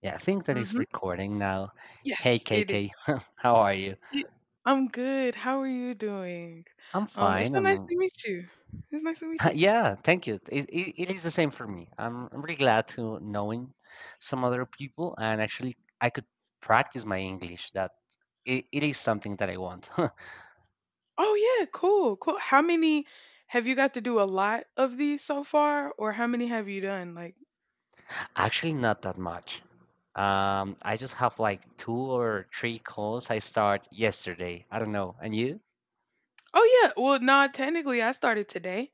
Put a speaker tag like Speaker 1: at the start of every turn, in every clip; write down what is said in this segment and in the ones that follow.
Speaker 1: Yeah, I think that is
Speaker 2: Mhm.
Speaker 1: recording now. Hey,
Speaker 2: Yes, it
Speaker 1: KK,
Speaker 2: is.
Speaker 1: how are you?
Speaker 2: Ye I'm good. How are you doing?
Speaker 1: I'm
Speaker 2: It's
Speaker 1: fine.
Speaker 2: so nice
Speaker 1: And
Speaker 2: to meet you. It's nice to meet you.
Speaker 1: yeah, thank you. It is the same for me. I'm really glad to knowing some other people, and actually, I could practice my English. That it is something that I want.
Speaker 2: Oh, yeah, cool, cool. How many Have you got to do a lot of these so far, or how many have you done? Like,
Speaker 1: Actually, not that much. I just have like two or three calls. I start yesterday. I don't know. And you?
Speaker 2: oh, yeah, well, nah, technically, I started today.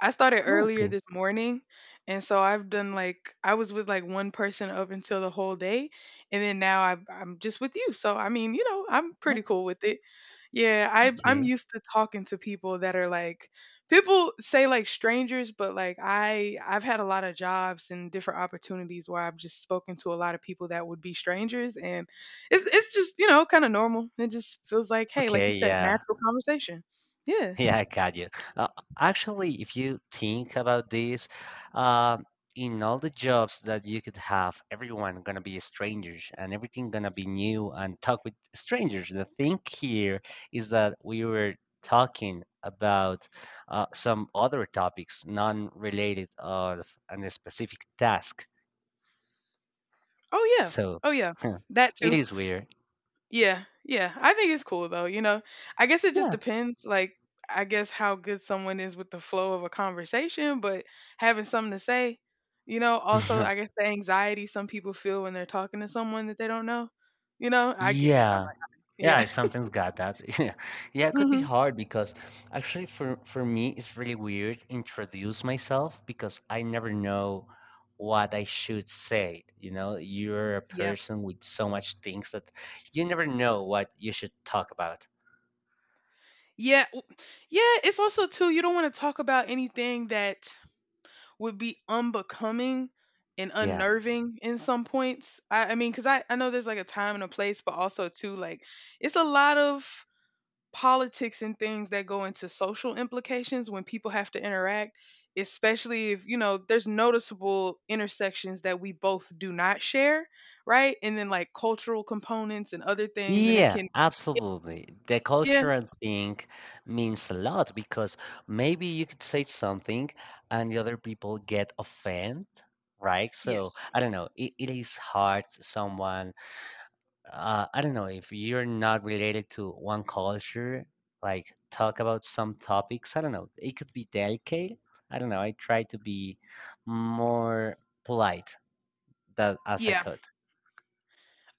Speaker 2: I started earlier
Speaker 1: Okay.
Speaker 2: this morning, and so I've done, like, I was with like one person up until the whole day, and then I'm just with you. So I mean, you know, I'm pretty
Speaker 1: Oh,
Speaker 2: cool with it. Yeah, I'm
Speaker 1: okay.
Speaker 2: used to talking to people that are like people say like strangers, but like I've had a lot of jobs and different opportunities where I've just spoken to a lot of people that would be strangers, and it's just, you know, kind of normal. It just feels like, hey, like you
Speaker 1: Okay.
Speaker 2: said,
Speaker 1: Yeah.
Speaker 2: natural conversation. Yeah.
Speaker 1: Yeah, I got you. Uh, Actually, if you think about this, uh, in all the jobs that you could have, everyone gonna be strangers, and everything gonna be new, and talk with strangers. The thing here is that we were talking about some other topics, non-related of a specific task.
Speaker 2: Oh yeah.
Speaker 1: So
Speaker 2: Oh yeah. That
Speaker 1: it
Speaker 2: too.
Speaker 1: is weird.
Speaker 2: Yeah, yeah. I think it's cool though, you know. I guess it just
Speaker 1: Yeah.
Speaker 2: depends, like, I guess how good someone is with the flow of a conversation, but having something to say, you know, also I guess the anxiety some people feel when they're talking to someone that they don't know. You know, I get it. I'm
Speaker 1: Yeah.
Speaker 2: like,
Speaker 1: Yeah,
Speaker 2: yeah.
Speaker 1: I sometimes got that. Yeah, yeah, it could be
Speaker 2: Mhm.
Speaker 1: hard because actually for me it's really weird to introduce myself because I never know what I should say. You know, you're a
Speaker 2: Yeah.
Speaker 1: person with so much things that you never know what you should talk about.
Speaker 2: Yeah. Yeah, it's also too, you don't want to talk about anything that would be unbecoming and
Speaker 1: Yeah.
Speaker 2: unnerving in some points. I mean, because I know there's like a time and a place, but also too, like, it's a lot of politics and things that go into social implications when people have to interact, especially if, you know, there's noticeable intersections that we both do not share, right? And then like cultural components and other things, and it
Speaker 1: Yeah,
Speaker 2: can
Speaker 1: absolutely. The
Speaker 2: yeah
Speaker 1: cultural thing means a lot because maybe you could say something and the other people get offended, right? So
Speaker 2: yes.
Speaker 1: I don't know. It is hard someone I don't know if you're not related to one culture, like talk about some topics. I don't know. It could be delicate. I don't know. I try to be more polite that as I
Speaker 2: Yeah,
Speaker 1: could.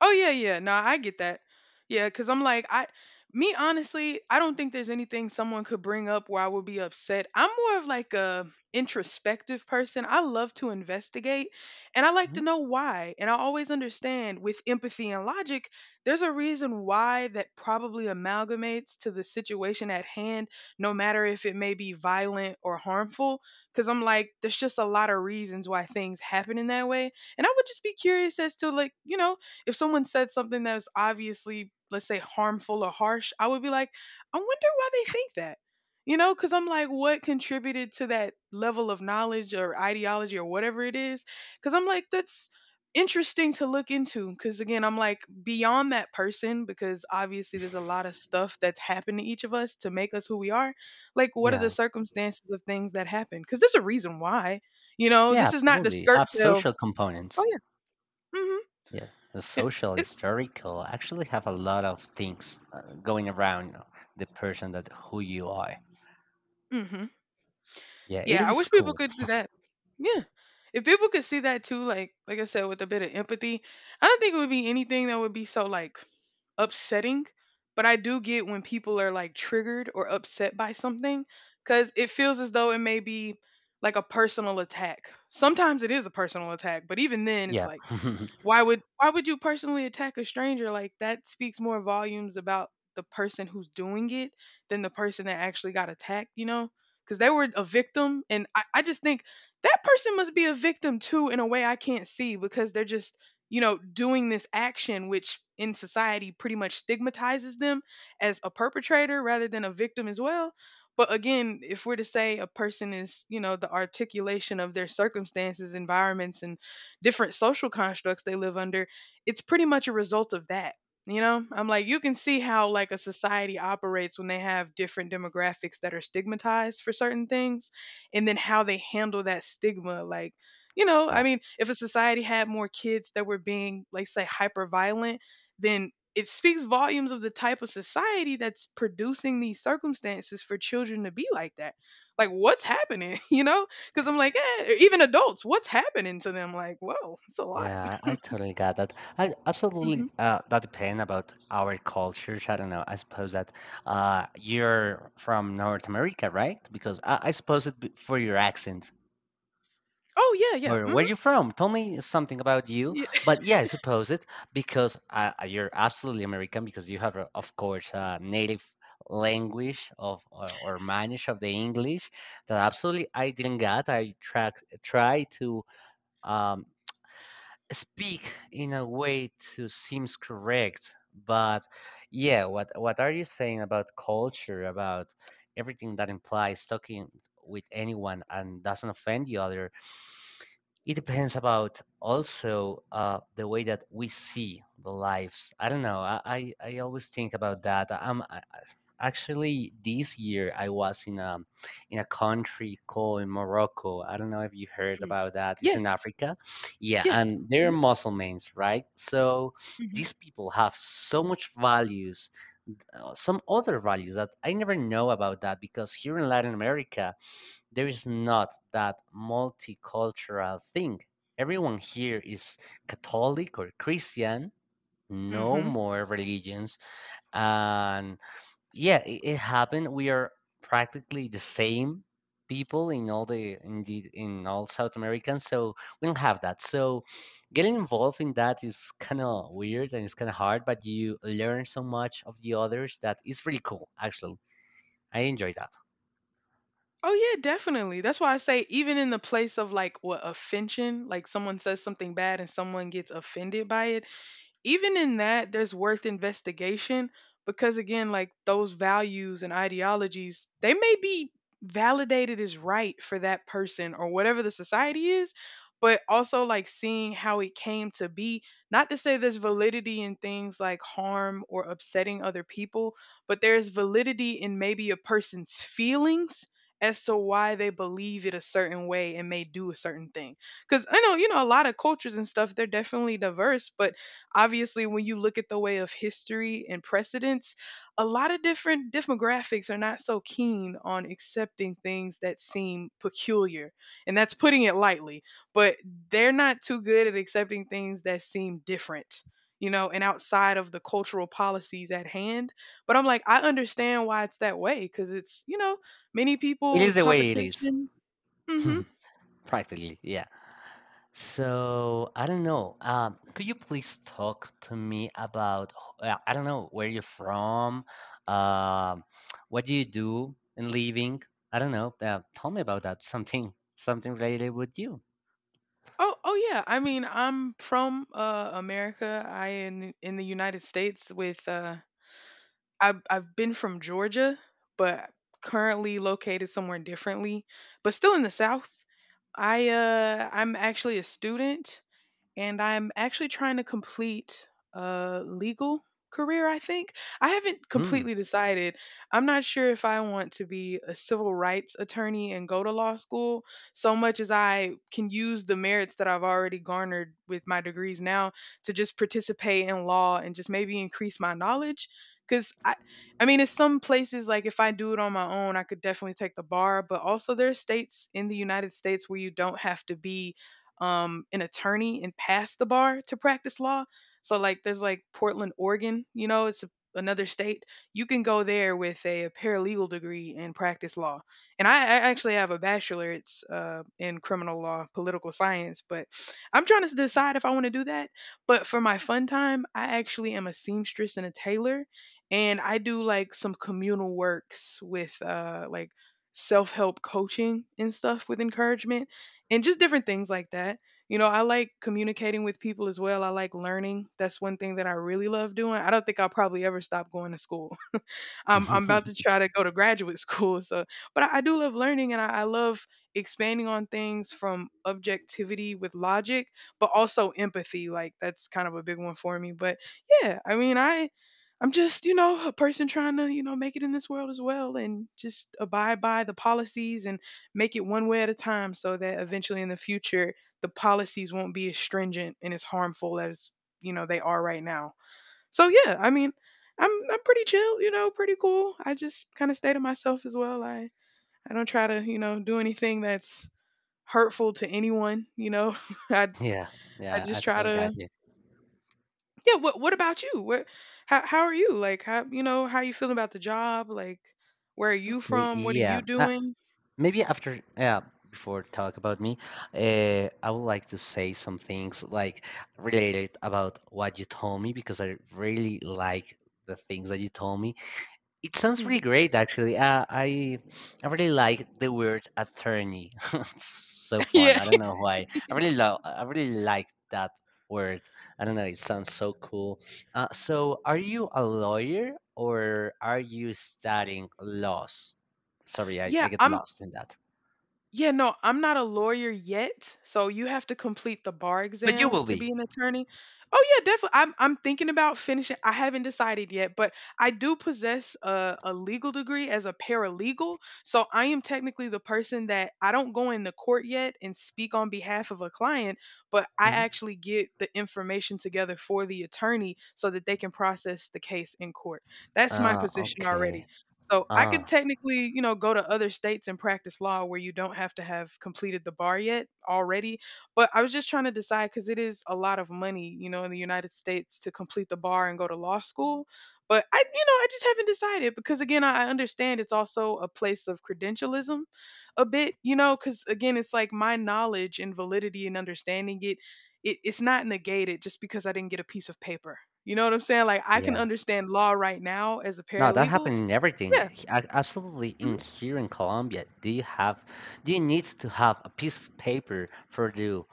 Speaker 2: oh yeah, yeah. No, I get that. Yeah, cuz I'm like, I me, honestly, I don't think there's anything someone could bring up where I would be upset. I'm more of like a introspective person. I love to investigate, and I like to
Speaker 1: Mhm.
Speaker 2: know why. And I always understand with empathy and logic, there's a reason why that probably amalgamates to the situation at hand, no matter if it may be violent or harmful, cuz I'm like there's just a lot of reasons why things happen in that way, and I would just be curious as to, like, you know, if someone said something that's obviously, let's say, harmful or harsh, I would be like, I wonder why they think that. You know, because I'm like, what contributed to that level of knowledge or ideology or whatever it is? Because I'm like, that's interesting to look into. Because again, I'm like, beyond that person, because obviously there's a lot of stuff that's happened to each of us to make us who we are. Like, what are the
Speaker 1: Yeah.
Speaker 2: circumstances of things that happen? Because there's a reason why. You know,
Speaker 1: Yeah,
Speaker 2: this is not the
Speaker 1: absolutely.
Speaker 2: skirt
Speaker 1: Have
Speaker 2: tail.
Speaker 1: social
Speaker 2: Oh,
Speaker 1: components.
Speaker 2: yeah. Mm hmm.
Speaker 1: Yes, the
Speaker 2: It,
Speaker 1: social,
Speaker 2: it,
Speaker 1: historical actually have a lot of things going around the person that who you are.
Speaker 2: mm hmm.
Speaker 1: Yeah, it
Speaker 2: Yeah, I
Speaker 1: is
Speaker 2: wish people
Speaker 1: cool.
Speaker 2: could do that. Yeah. If people could see that too, like I said, with a bit of empathy, I don't think it would be anything that would be so like upsetting. But I do get when people are like triggered or upset by something because it feels as though it may be like a personal attack. Sometimes it is a personal attack, but even then, it's
Speaker 1: Yeah.
Speaker 2: like why would you personally attack a stranger? Like, that speaks more volumes about the person who's doing it than the person that actually got attacked, you know? Because they were a victim, and I just think that person must be a victim too in a way I can't see because they're just, you know, doing this action, which in society pretty much stigmatizes them as a perpetrator rather than a victim as well. But again, if we're to say a person is, you know, the articulation of their circumstances, environments, and different social constructs they live under, it's pretty much a result of that. You know, I'm like, you can see how, like, a society operates when they have different demographics that are stigmatized for certain things, and then how they handle that stigma. Like, you know, I
Speaker 1: yeah.
Speaker 2: mean, if a society had more kids that were being, like, say, hyper violent, then it speaks volumes of the type of society that's producing these circumstances for children to be like that. Like, what's happening? You know, because I'm like, eh, or even adults, what's happening to them? Like, whoa, it's a lot.
Speaker 1: Yeah, I totally got that. I absolutely
Speaker 2: Mhm.
Speaker 1: that depend about our cultures. I don't know. I suppose that you're from North America, right? Because I suppose it b- for your accent.
Speaker 2: Oh yeah, yeah.
Speaker 1: Or where
Speaker 2: Mhm.
Speaker 1: you from? Tell me something about you.
Speaker 2: Yeah.
Speaker 1: But yeah, I suppose it because you're absolutely American because you have, of course, a native language of or manage of the English that absolutely I didn't get. I try try to um, speak in a way to seems correct but yeah what are you saying about culture about everything that implies talking with anyone and doesn't offend the other. It depends about also the way that we see the lives. I don't know. I always think about that. Actually, this year I was in a country called Morocco. I don't know if you heard
Speaker 2: Mm.
Speaker 1: about that. It's in
Speaker 2: Yes.
Speaker 1: Africa. Yeah,
Speaker 2: Yes.
Speaker 1: and they're
Speaker 2: Mhm.
Speaker 1: Muslims, right? So
Speaker 2: Mhm.
Speaker 1: these people have so much values, some other values that I never know about that because here in Latin America there is not that multicultural thing. Everyone here is Catholic or Christian, no
Speaker 2: Mhm.
Speaker 1: more religions, and yeah, it happened. We are practically the same people in all the in all South Americans, so we don't have that. So getting involved in that is kind of weird and it's kind of hard, but you learn so much of the others that it's really cool. Actually, I enjoy that.
Speaker 2: Oh yeah, definitely. That's why I say even in the place of like what offension, like someone says something bad and someone gets offended by it, even in that there's worth investigation, because again, like, those values and ideologies, they may be validated as right for that person or whatever the society is, but also like seeing how it came to be, not to say there's validity in things like harm or upsetting other people, but there's validity in maybe a person's feelings as to why they believe it a certain way and may do a certain thing. Because I know, you know, a lot of cultures and stuff, they're definitely diverse, but obviously when you look at the way of history and precedents, a lot of different demographics are not so keen on accepting things that seem peculiar, and that's putting it lightly, but they're not too good at accepting things that seem different, you know, and outside of the cultural policies at hand. But I'm like, I understand why it's that way, because it's, you know, many people
Speaker 1: It
Speaker 2: with
Speaker 1: is the way it is,
Speaker 2: competition. Hmm.
Speaker 1: practically. Yeah. So I don't know. Could you please talk to me about h- I don't know where you're from, um, what do you do in living? I don't know. Tell me about that. Something something related with you.
Speaker 2: Oh, oh yeah. I mean, I'm from America. I, in the United States with I've been from Georgia, but currently located somewhere differently, but still in the South. I'm actually a student, and I'm actually trying to complete a legal career, I think. I haven't
Speaker 1: Hmm.
Speaker 2: completely decided. I'm not sure if I want to be a civil rights attorney and go to law school so much as I can use the merits that I've already garnered with my degrees now to just participate in law and just maybe increase my knowledge. Because I mean, in some places, like if I do it on my own, I could definitely take the bar, but also there are states in the United States where you don't have to be an attorney and passed the bar to practice law. So like there's like Portland, Oregon, you know, it's a, another state. You can go there with a paralegal degree and practice law. And I actually have a bachelor's in criminal law, political science, but I'm trying to decide if I want to do that. But for my fun time, I actually am a seamstress and a tailor. And I do like some communal works with like self help coaching and stuff with encouragement, and just different things like that. You know, I like communicating with people as well. I like learning. That's one thing that I really love doing. I don't think I'll probably ever stop going to school. I'm about to try to go to graduate school. So, but I do love learning, and I love expanding on things from objectivity with logic, but also empathy. Like, that's kind of a big one for me. But yeah, I mean, I I'm just, you know, a person trying to, you know, make it in this world as well, and just abide by the policies and make it one way at a time, so that eventually in the future the policies won't be as stringent and as harmful as, you know, they are right now. So yeah, I mean, I'm pretty chill, you know, pretty cool. I just kind of stay to myself as well. I don't try to, you know, do anything that's hurtful to anyone, you know. I
Speaker 1: Yeah,
Speaker 2: I
Speaker 1: yeah, I
Speaker 2: just try
Speaker 1: totally got
Speaker 2: to
Speaker 1: you.
Speaker 2: Yeah. What about you? Where How how are you? Like, how, you know, how you feeling about the job? Like, where are you
Speaker 1: Okay,
Speaker 2: from? What are
Speaker 1: yeah.
Speaker 2: you doing?
Speaker 1: Maybe after, before talk about me, I would like to say some things like related about what you told me because I really like the things that you told me. It sounds really
Speaker 2: Mm.
Speaker 1: great, actually. I I really like the word attorney. It's so fun.
Speaker 2: yeah.
Speaker 1: I don't know why. I really love. I really like that word. I don't know. It sounds so cool. So, are you a lawyer or are you studying laws? Sorry,
Speaker 2: Yeah,
Speaker 1: I get
Speaker 2: I'm
Speaker 1: lost in that.
Speaker 2: Yeah, no, I'm not a lawyer yet, so you have to complete the bar
Speaker 1: But you
Speaker 2: exam
Speaker 1: will
Speaker 2: to be
Speaker 1: be.
Speaker 2: an attorney. Oh yeah, definitely. I'm thinking about finishing. I haven't decided yet, but I do possess a legal degree as a paralegal, so I am technically the person that I don't go into court yet and speak on behalf of a client, but I
Speaker 1: Mhm.
Speaker 2: actually get the information together for the attorney so that they can process the case in court. That's my
Speaker 1: Ah,
Speaker 2: position already.
Speaker 1: okay.
Speaker 2: So I could
Speaker 1: Ah,
Speaker 2: technically, go to other states and practice law where you don't have to have completed the bar yet already. But I was just trying to decide because it is a lot of money, in the United States to complete the bar and go to law school. But I just haven't decided because again, I understand it's also a place of credentialism a bit, because again, it's like my knowledge and validity and understanding it. It's not negated just because I didn't get a piece of paper. You know what I'm saying? Like I can
Speaker 1: yeah.
Speaker 2: understand law right now as a
Speaker 1: No, that
Speaker 2: paralegal.
Speaker 1: happened in everything.
Speaker 2: Yeah.
Speaker 1: H- a- Absolutely,
Speaker 2: Mhm,
Speaker 1: in here in Colombia, do you have, do you need to have a piece of paper for do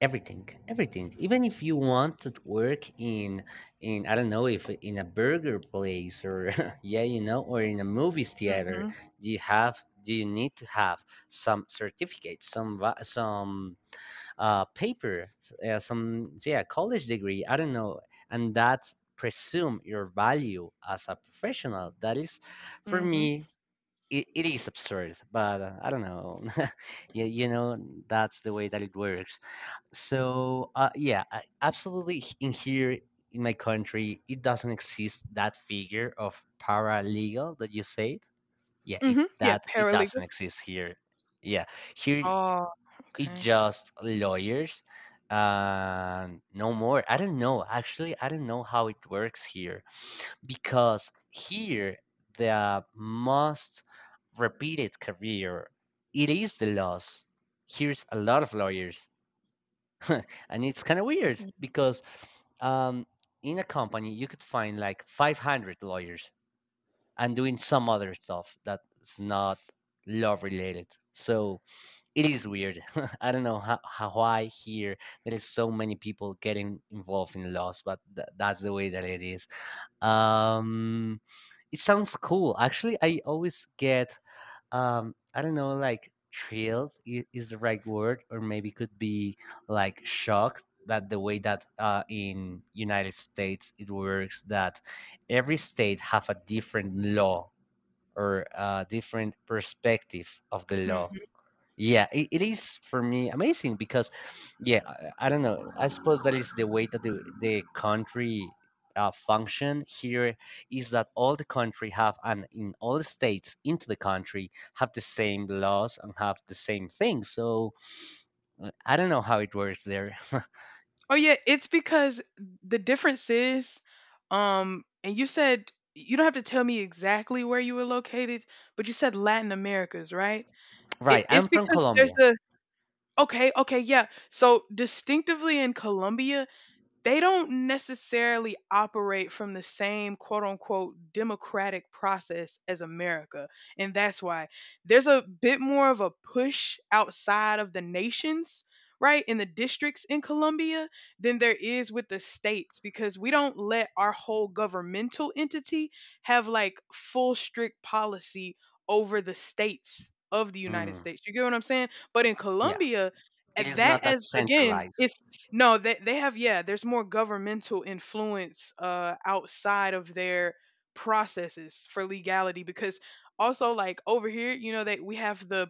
Speaker 1: everything, everything. Even if you want to work in I don't know, if in a burger place or yeah, you know, or in a movies theater,
Speaker 2: mhm,
Speaker 1: do you have, do you need to have some certificates, some va- some paper, some yeah college degree. I don't know, and that's presume your value as a professional. That is, for
Speaker 2: mhm,
Speaker 1: me, it is absurd. But I don't know. you know, that's the way that it works. So yeah, I, absolutely. H- In here in my country, it doesn't exist that figure of paralegal that you said. Yeah, it
Speaker 2: mhm. Yeah,
Speaker 1: that it
Speaker 2: paralegal.
Speaker 1: doesn't exist here. Yeah, here
Speaker 2: Oh,
Speaker 1: it's
Speaker 2: okay.
Speaker 1: just lawyers and no more. I don't know. Actually, I don't know how it works here because here the most repeated career it is the laws. Here's a lot of lawyers, and it's kind of weird because um, in a company you could find like 500 lawyers and doing some other stuff that's not law related. So it is weird. I don't know how why here there is so many people getting involved in laws, but th- that's the way that it is. Um, it sounds cool. Actually, I always get I don't know, like thrilled I- is the right word, or maybe could be like shocked that the way that in United States it works that every state have a different law or a different perspective of the law.
Speaker 2: Mhm.
Speaker 1: Yeah, it is for me amazing because, yeah, I don't know. I suppose that is the way that the country function here is that all the country have and in all the states into the country have the same laws and have the same things. So I don't know how it works there.
Speaker 2: Oh yeah, it's because the difference is, and you said you don't have to tell me exactly where you were located, but you said Latin Americas, right? It,
Speaker 1: Right,
Speaker 2: it's
Speaker 1: I'm from
Speaker 2: because there's
Speaker 1: Colombia.
Speaker 2: a okay, okay, yeah. So distinctively in Colombia, they don't necessarily operate from the same quote unquote democratic process as America. And that's why there's a bit more of a push outside of the nations, right, in the districts in Colombia than there is with the states because we don't let our whole governmental entity have like full strict policy over the states of the United
Speaker 1: Mm,
Speaker 2: States. You get what I'm saying? But in
Speaker 1: yeah,
Speaker 2: Colombia,
Speaker 1: it
Speaker 2: at
Speaker 1: is
Speaker 2: that
Speaker 1: not that
Speaker 2: as again,
Speaker 1: centralized.
Speaker 2: it's no. They have, yeah, there's more governmental influence outside of their processes for legality because also like over here, they we have the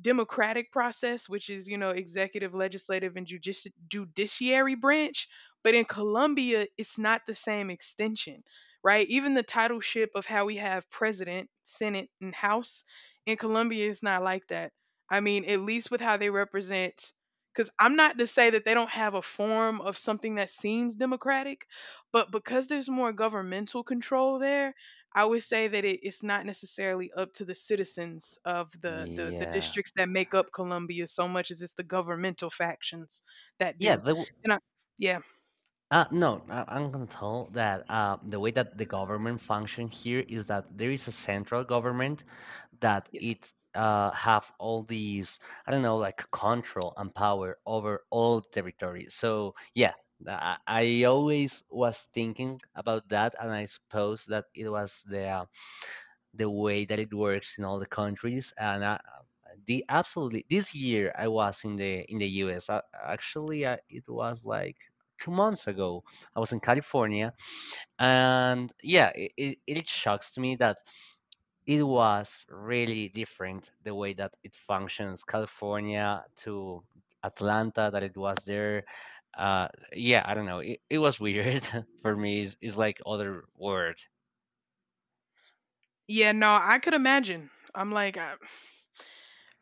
Speaker 2: democratic process, which is, executive, legislative, and judiciary branch. But in Colombia, it's not the same extension, right? Even the titleship of how we have president, senate, and house in Colombia is not like that. I mean, at least with how they represent, because I'm not to say that they don't have a form of something that seems democratic, but because there's more governmental control there, I would say that it's not necessarily up to the citizens of the
Speaker 1: Yeah.
Speaker 2: districts that make up Columbia so much as it's the governmental factions that
Speaker 1: Yeah,
Speaker 2: do.
Speaker 1: the,
Speaker 2: And I, yeah,
Speaker 1: No, I'm gonna tell that the way that the government function here is that there is a central government that
Speaker 2: yes,
Speaker 1: it have all these I don't know like control and power over all territory. So yeah, I always was thinking about that, and I suppose that it was the way that it works in all the countries, and the absolutely this year I was in the US. Actually, it was like two months ago. I was in California, and yeah, it shocks to me that it was really different the way that it functions California to Atlanta that it was there. Uh, yeah, I don't know. It was weird for me. It's like other word,
Speaker 2: yeah, no, I could imagine. I'm like, I,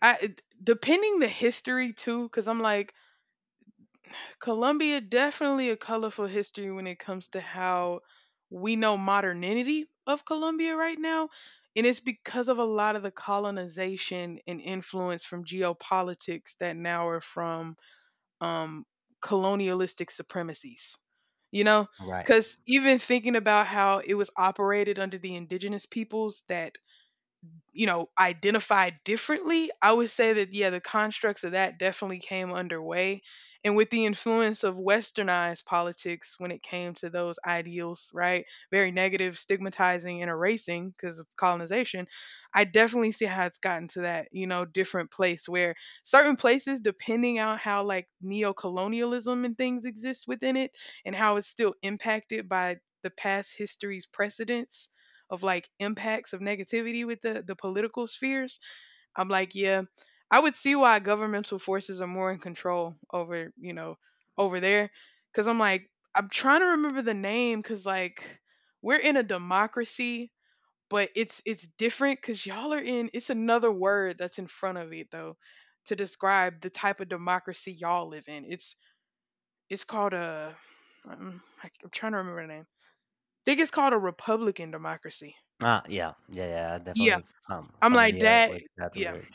Speaker 2: I depending the history too, because I'm like, Colombia definitely a colorful history when it comes to how we know modernity of Colombia right now. And it's because of a lot of the colonization and influence from geopolitics that now are from um, colonialistic supremacies. You know,
Speaker 1: right?
Speaker 2: because even thinking about how it was operated under the indigenous peoples that identified differently, I would say that, yeah, the constructs of that definitely came underway. And with the influence of westernized politics when it came to those ideals, right? Very negative, stigmatizing, and erasing because of colonization, I definitely see how it's gotten to that, different place where certain places, depending on how like neo-colonialism and things exist within it and how it's still impacted by the past history's precedents of like impacts of negativity with the political spheres, I'm like, yeah, I would see why governmental forces are more in control over, over there cuz I'm like I'm trying to remember the name cuz like we're in a democracy, but it's different cuz y'all are in it's another word that's in front of it though to describe the type of democracy y'all live in. It's called a I'm, I'm trying to remember the name. I think it's called a republican democracy.
Speaker 1: Ah, yeah, yeah, yeah.
Speaker 2: Yeah,
Speaker 1: Definitely
Speaker 2: I'm like
Speaker 1: familiar
Speaker 2: that.
Speaker 1: with that
Speaker 2: Yeah,
Speaker 1: word.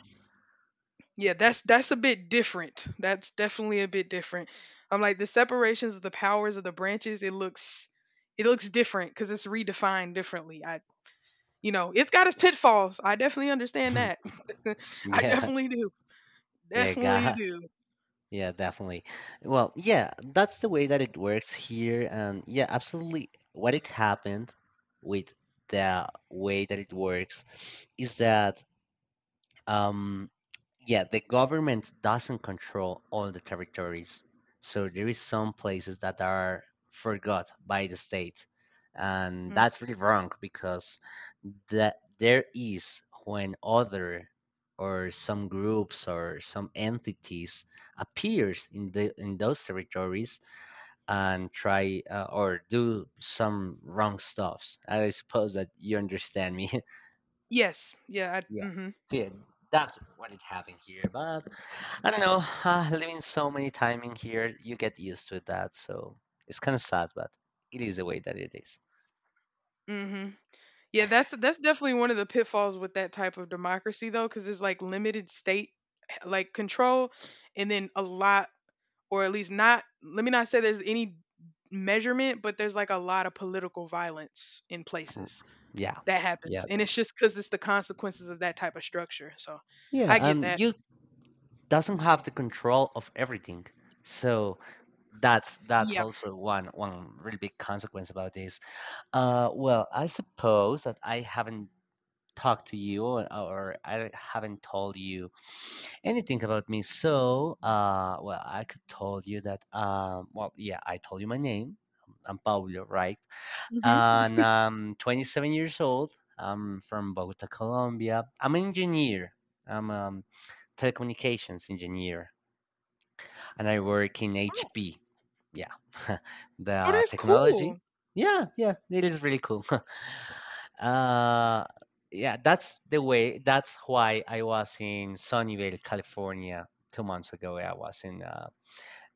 Speaker 2: yeah. That's a bit different. That's definitely a bit different. I'm like the separations of the powers of the branches. It looks different because it's redefined differently. I you know it's got its pitfalls. I definitely understand that. I
Speaker 1: Yeah.
Speaker 2: definitely do.
Speaker 1: Yeah,
Speaker 2: Definitely
Speaker 1: ga-
Speaker 2: do.
Speaker 1: yeah, definitely. Well, yeah, that's the way that it works here, and yeah, absolutely. What it happened with the way that it works is that um, yeah, the government doesn't control all the territories. So there is some places that are forgot by the state. And
Speaker 2: Mm.
Speaker 1: that's really wrong because that there is when other or some groups or some entities appears in the in those territories and try or do some wrong stuffs. I suppose that you understand me.
Speaker 2: Yes. Yeah. I,
Speaker 1: Yeah.
Speaker 2: mm-hmm.
Speaker 1: See, that's what it having here. But I don't know, living so many time in here, you get used to that. So it's kind of sad, but it is the way that it is.
Speaker 2: Mm-hmm. Yeah. That's definitely one of the pitfalls with that type of democracy though, because there's like limited state like control, and then a lot or at least not let me not say there's any measurement but there's like a lot of political violence in places
Speaker 1: Yeah.
Speaker 2: that
Speaker 1: Yeah.
Speaker 2: happens and
Speaker 1: th-
Speaker 2: it's just because it's the consequences of that type of structure so
Speaker 1: Yeah.
Speaker 2: I get
Speaker 1: And
Speaker 2: that.
Speaker 1: you doesn't have the control of everything. So that's
Speaker 2: Yeah.
Speaker 1: also one one really big consequence about this. Well, I suppose that I haven't talked to you or I haven't told you anything about me. So, well, I could told you that. Well, yeah, I told you my name. I'm Pablo, right?
Speaker 2: Hmm.
Speaker 1: And I'm 27 years old. I'm from Bogota, Colombia. I'm an engineer. I'm a telecommunications engineer, and I work in
Speaker 2: Oh,
Speaker 1: HP. Yeah,
Speaker 2: oh,
Speaker 1: the
Speaker 2: that's cool.
Speaker 1: technology. Yeah, yeah, it is really cool. Uh, yeah, that's the way. That's why I was in Sunnyvale, California, two months ago. I was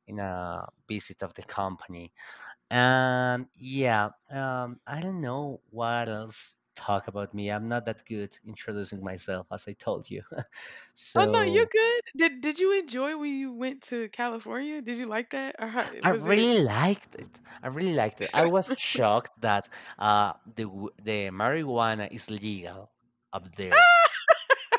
Speaker 1: in a visit of the company, and yeah, I don't know what else talk about me. I'm not that good introducing myself, as I told you.
Speaker 2: Oh no, you're
Speaker 1: So
Speaker 2: good. Did you enjoy when you went to California? Did you like that? Or how
Speaker 1: I
Speaker 2: was it?
Speaker 1: really liked it. I really liked it. I was shocked that the w- the marijuana is legal up there.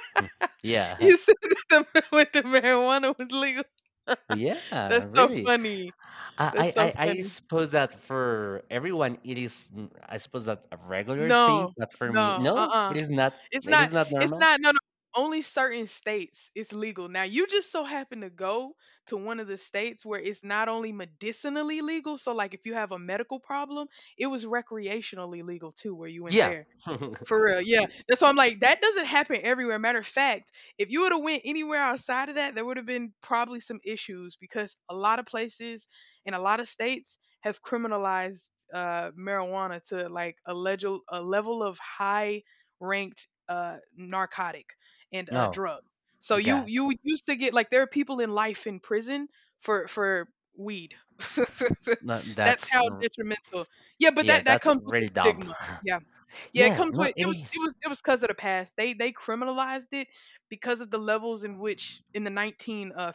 Speaker 1: Yeah,
Speaker 2: You said that when the marijuana was legal.
Speaker 1: yeah,
Speaker 2: That's so
Speaker 1: really.
Speaker 2: funny. That's so
Speaker 1: I
Speaker 2: funny.
Speaker 1: suppose that for everyone it is mm, I suppose that a regular thing,
Speaker 2: No,
Speaker 1: but for me,
Speaker 2: no,
Speaker 1: no, it
Speaker 2: uh-uh.
Speaker 1: is not.
Speaker 2: It's
Speaker 1: It
Speaker 2: not
Speaker 1: is not
Speaker 2: it's
Speaker 1: normal.
Speaker 2: not No, no, only certain states it's legal. Now you just so happen to go to one of the states where it's not only medicinally legal, so like if you have a medical problem, it was recreationally legal too where you went
Speaker 1: Yeah.
Speaker 2: there. For real, yeah. That's why I'm like, that doesn't happen everywhere. Matter of fact, if you would have went anywhere outside of that, there would have been probably some issues because a lot of places and a lot of states have criminalized marijuana to like a level of high ranked narcotic and
Speaker 1: No,
Speaker 2: drug. So you
Speaker 1: God,
Speaker 2: you used to get like there are people in life in prison for weed.
Speaker 1: no,
Speaker 2: That's
Speaker 1: that's
Speaker 2: how detrimental. Yeah, but
Speaker 1: yeah,
Speaker 2: that
Speaker 1: that's
Speaker 2: comes with the
Speaker 1: really dumb.
Speaker 2: stigma. Yeah. Yeah, it
Speaker 1: Yeah,
Speaker 2: comes
Speaker 1: no,
Speaker 2: with it
Speaker 1: it
Speaker 2: was it
Speaker 1: is.
Speaker 2: was it was because of the past. They criminalized it because of the levels in which in the 19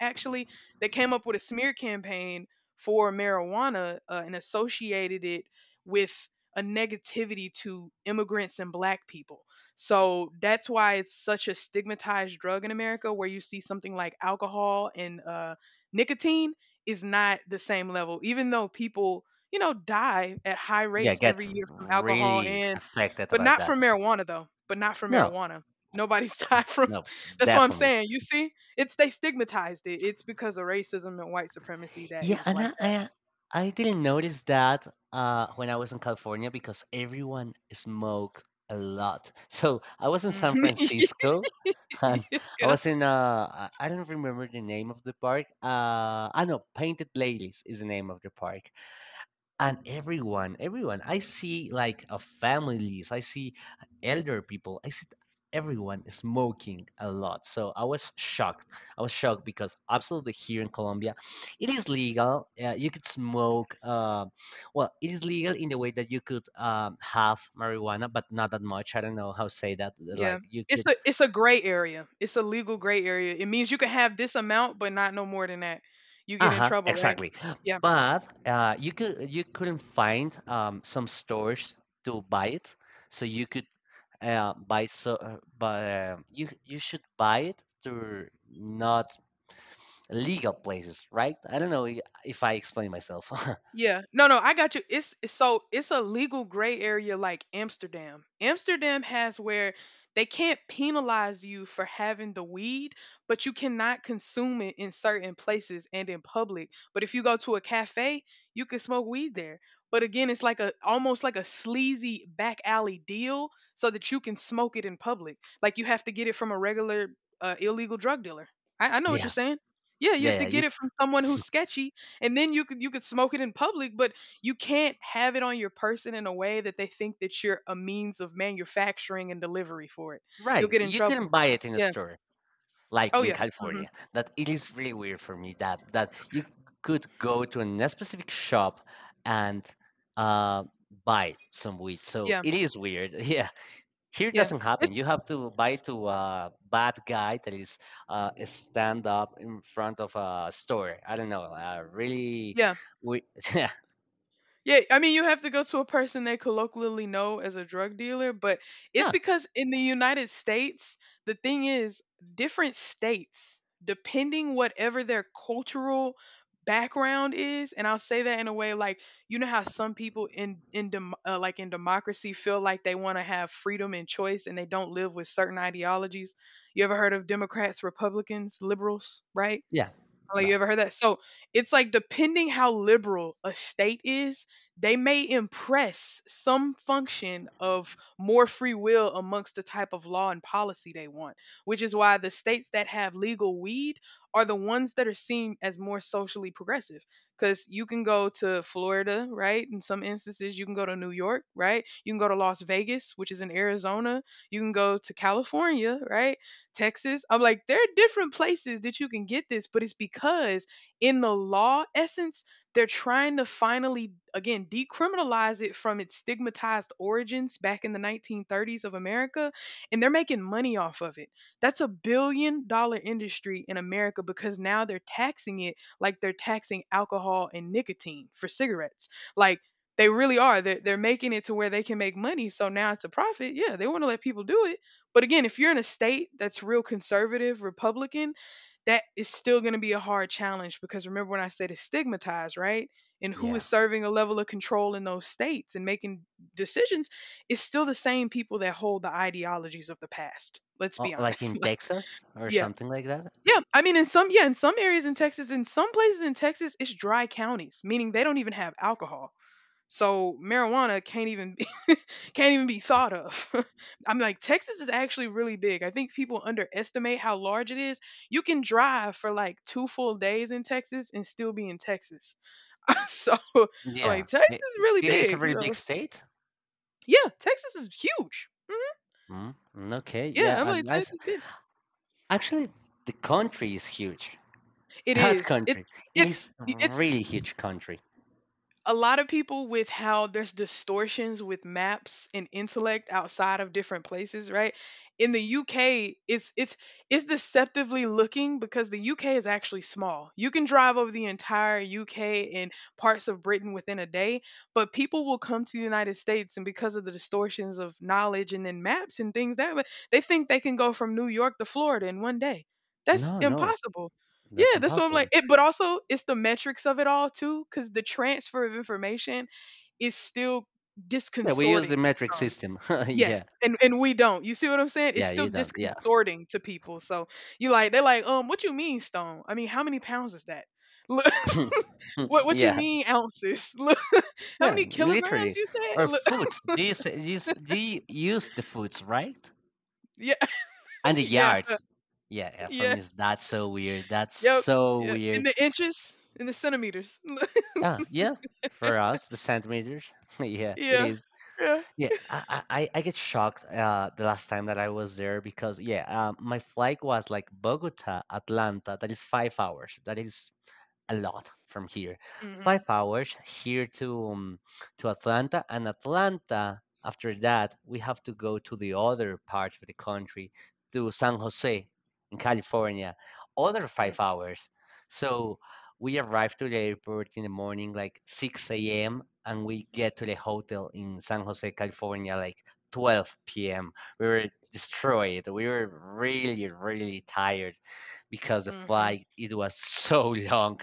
Speaker 2: actually they came up with a smear campaign for marijuana, and associated it with a negativity to immigrants and black people. So that's why it's such a stigmatized drug in America where you see something like alcohol and, nicotine is not the same level even though people, you know, die at high
Speaker 1: Yeah,
Speaker 2: rates every
Speaker 1: gets
Speaker 2: year from alcohol
Speaker 1: really
Speaker 2: and
Speaker 1: affected
Speaker 2: but
Speaker 1: about
Speaker 2: not
Speaker 1: that.
Speaker 2: from marijuana though, but not from
Speaker 1: No,
Speaker 2: marijuana. Nobody's died from.
Speaker 1: no,
Speaker 2: That's what I'm
Speaker 1: definitely.
Speaker 2: saying. You see? It's they stigmatized it. It's because of racism and white supremacy that it
Speaker 1: Yeah,
Speaker 2: was
Speaker 1: and
Speaker 2: like
Speaker 1: I didn't notice that when I was in California because everyone smoked a lot. So I was in
Speaker 2: that.
Speaker 1: San
Speaker 2: Mhm.
Speaker 1: Francisco, and I
Speaker 2: yeah.
Speaker 1: was in I don't remember the name of the park. I know Painted Ladies is the name of the park, and everyone I see, like a families, I see elder people, I see everyone smoking a lot. So I was shocked because absolutely here in Colombia it is legal. You could smoke. Well, it is legal in the way that you could have marijuana, but not that much. I don't know how to say that,
Speaker 2: Yeah.
Speaker 1: like you
Speaker 2: It's
Speaker 1: could.
Speaker 2: a it's a gray area. It's a legal gray area. It means you can have this amount but not no more than that. You get in
Speaker 1: Uh-huh,
Speaker 2: trouble, right?
Speaker 1: exactly.
Speaker 2: Yeah.
Speaker 1: But you couldn't find some stores to buy it, so you could buy so buy, you should buy it through not legal places, right? I don't know if I explain myself.
Speaker 2: Yeah. No, no, I got you. It's so it's a legal gray area like Amsterdam. Amsterdam has where they can't penalize you for having the weed, but you cannot consume it in certain places and in public. But if you go to a cafe, you can smoke weed there. But again, it's like a almost like a sleazy back alley deal so that you can smoke it in public. Like you have to get it from a regular illegal drug dealer. I know what you're
Speaker 1: Yeah,
Speaker 2: saying. Yeah, you have to
Speaker 1: yeah, yeah.
Speaker 2: get
Speaker 1: You
Speaker 2: it from someone who's sketchy and then you could smoke it in public, but you can't have it on your person in a way that they think that you're a means of manufacturing and delivery for it. You'll
Speaker 1: right.
Speaker 2: get in
Speaker 1: You couldn't
Speaker 2: trouble.
Speaker 1: buy it in a
Speaker 2: Yeah.
Speaker 1: store. Like
Speaker 2: Oh
Speaker 1: in
Speaker 2: yeah. Mhm.
Speaker 1: California, that it is really weird for me that you could go to a specific shop and uh, buy some weed. So
Speaker 2: Yeah.
Speaker 1: it is weird. Yeah, here it
Speaker 2: Yeah.
Speaker 1: doesn't happen.
Speaker 2: It's
Speaker 1: You have to buy to a bad guy that is stand up in front of a store. I don't know. Really,
Speaker 2: yeah.
Speaker 1: we yeah,
Speaker 2: Yeah, I mean, you have to go to a person they colloquially know as a drug dealer, but it's
Speaker 1: yeah,
Speaker 2: because in the United States, the thing is, different states, depending whatever their cultural background is, and I'll say that in a way like you know how some people in democracy feel like they want to have freedom and choice, and they don't live with certain ideologies. You ever heard of Democrats, Republicans, liberals, right?
Speaker 1: yeah,
Speaker 2: Like, you
Speaker 1: right,
Speaker 2: ever heard that? So, it's like depending how liberal a state is, they may impress some function of more free will amongst the type of law and policy they want, which is why the states that have legal weed are the ones that are seen as more socially progressive. Because you can go to Florida, right? In some instances, you can go to New York, right? You can go to Las Vegas, which is in Arizona. You can go to California, right? Texas. I'm like, there are different places that you can get this, but it's because in the law essence, they're trying to finally, again, decriminalize it from its stigmatized origins back in the 1930s of America, and they're making money off of it. That's $1 billion industry in America because now they're taxing it like they're taxing alcohol and nicotine for cigarettes. Like, they really are. They're making it to where they can make money. So now it's a profit. Yeah, they want to let people do it but again, if you're in a state that's real conservative Republican, that is still going to be a hard challenge because remember when I said it's stigmatized, right? And who
Speaker 1: yeah.
Speaker 2: is serving a level of control in those states and making decisions is still the same people that hold the ideologies of the past. Let's
Speaker 1: Oh,
Speaker 2: be
Speaker 1: like in
Speaker 2: honest.
Speaker 1: Texas or
Speaker 2: Yeah.
Speaker 1: something like that.
Speaker 2: Yeah, I mean in some areas in Texas, in some places in Texas, it's dry counties, meaning they don't even have alcohol. So marijuana can't even be thought of. I'm like, Texas is actually really big. I think people underestimate how large it is. You can drive for like two full days in Texas and still be in Texas. So I'm like,
Speaker 1: Yeah,
Speaker 2: Texas
Speaker 1: it,
Speaker 2: is really
Speaker 1: it is a
Speaker 2: big.
Speaker 1: really
Speaker 2: So
Speaker 1: big state.
Speaker 2: yeah, Texas is huge.
Speaker 1: Mm, mm, okay, yeah,
Speaker 2: Yeah, I'm like,
Speaker 1: and that's
Speaker 2: Texas is big.
Speaker 1: actually, the country is huge.
Speaker 2: It
Speaker 1: That
Speaker 2: is. It,
Speaker 1: country, it
Speaker 2: it's.
Speaker 1: is a
Speaker 2: It's
Speaker 1: really huge country.
Speaker 2: a lot of people with how there's distortions with maps and intellect outside of different places, right? In the UK, it's deceptively looking because the UK is actually small. You can drive over the entire UK and parts of Britain within a day, but people will come to the United States and because of the distortions of knowledge and then maps and things that way, they think they can go from New York to Florida in one day. That's
Speaker 1: No, no,
Speaker 2: impossible.
Speaker 1: that's
Speaker 2: Yeah, that's what I'm like.
Speaker 1: impossible.
Speaker 2: It, but also, it's the metrics of it all too, because the transfer of information is still
Speaker 1: Yeah, we use
Speaker 2: disconcerting
Speaker 1: the
Speaker 2: to
Speaker 1: metric
Speaker 2: some.
Speaker 1: system.
Speaker 2: Yes,
Speaker 1: Yeah,
Speaker 2: and we don't. You see what I'm saying? It's
Speaker 1: yeah,
Speaker 2: still
Speaker 1: you don't. Yeah,
Speaker 2: disconcerting to people. So you like they're like, what you mean stone? I mean, how many pounds is that? Look, what you
Speaker 1: yeah,
Speaker 2: mean ounces? Look, how
Speaker 1: yeah.
Speaker 2: many kilograms
Speaker 1: Literally,
Speaker 2: you
Speaker 1: or
Speaker 2: said? Look,
Speaker 1: foots. Do you say, do you, s- do you use the foots, right?
Speaker 2: yeah,
Speaker 1: And the
Speaker 2: yeah,
Speaker 1: yards. Yeah, yeah, for
Speaker 2: yeah,
Speaker 1: me, it's that's so weird. That's
Speaker 2: yep,
Speaker 1: so
Speaker 2: yeah. In
Speaker 1: weird.
Speaker 2: the inches, in the centimeters.
Speaker 1: Ah, yeah. For us, the centimeters. Yeah, it
Speaker 2: yeah,
Speaker 1: is.
Speaker 2: yeah.
Speaker 1: Yeah, I get shocked the last time that I was there, because my flight was like Bogota, Atlanta. That is 5 hours. That is a lot from here.
Speaker 2: Mm-hmm.
Speaker 1: 5 hours here to Atlanta, and Atlanta. After that, we have to go to the other part of the country, to San Jose, in California. Other 5 hours. So we arrive to the airport in the morning, like 6 a.m., and we get to the hotel in San Jose, California, like 12 p.m. We were destroyed. We were really, really tired because the
Speaker 2: Mm-hmm.
Speaker 1: flight it was so long.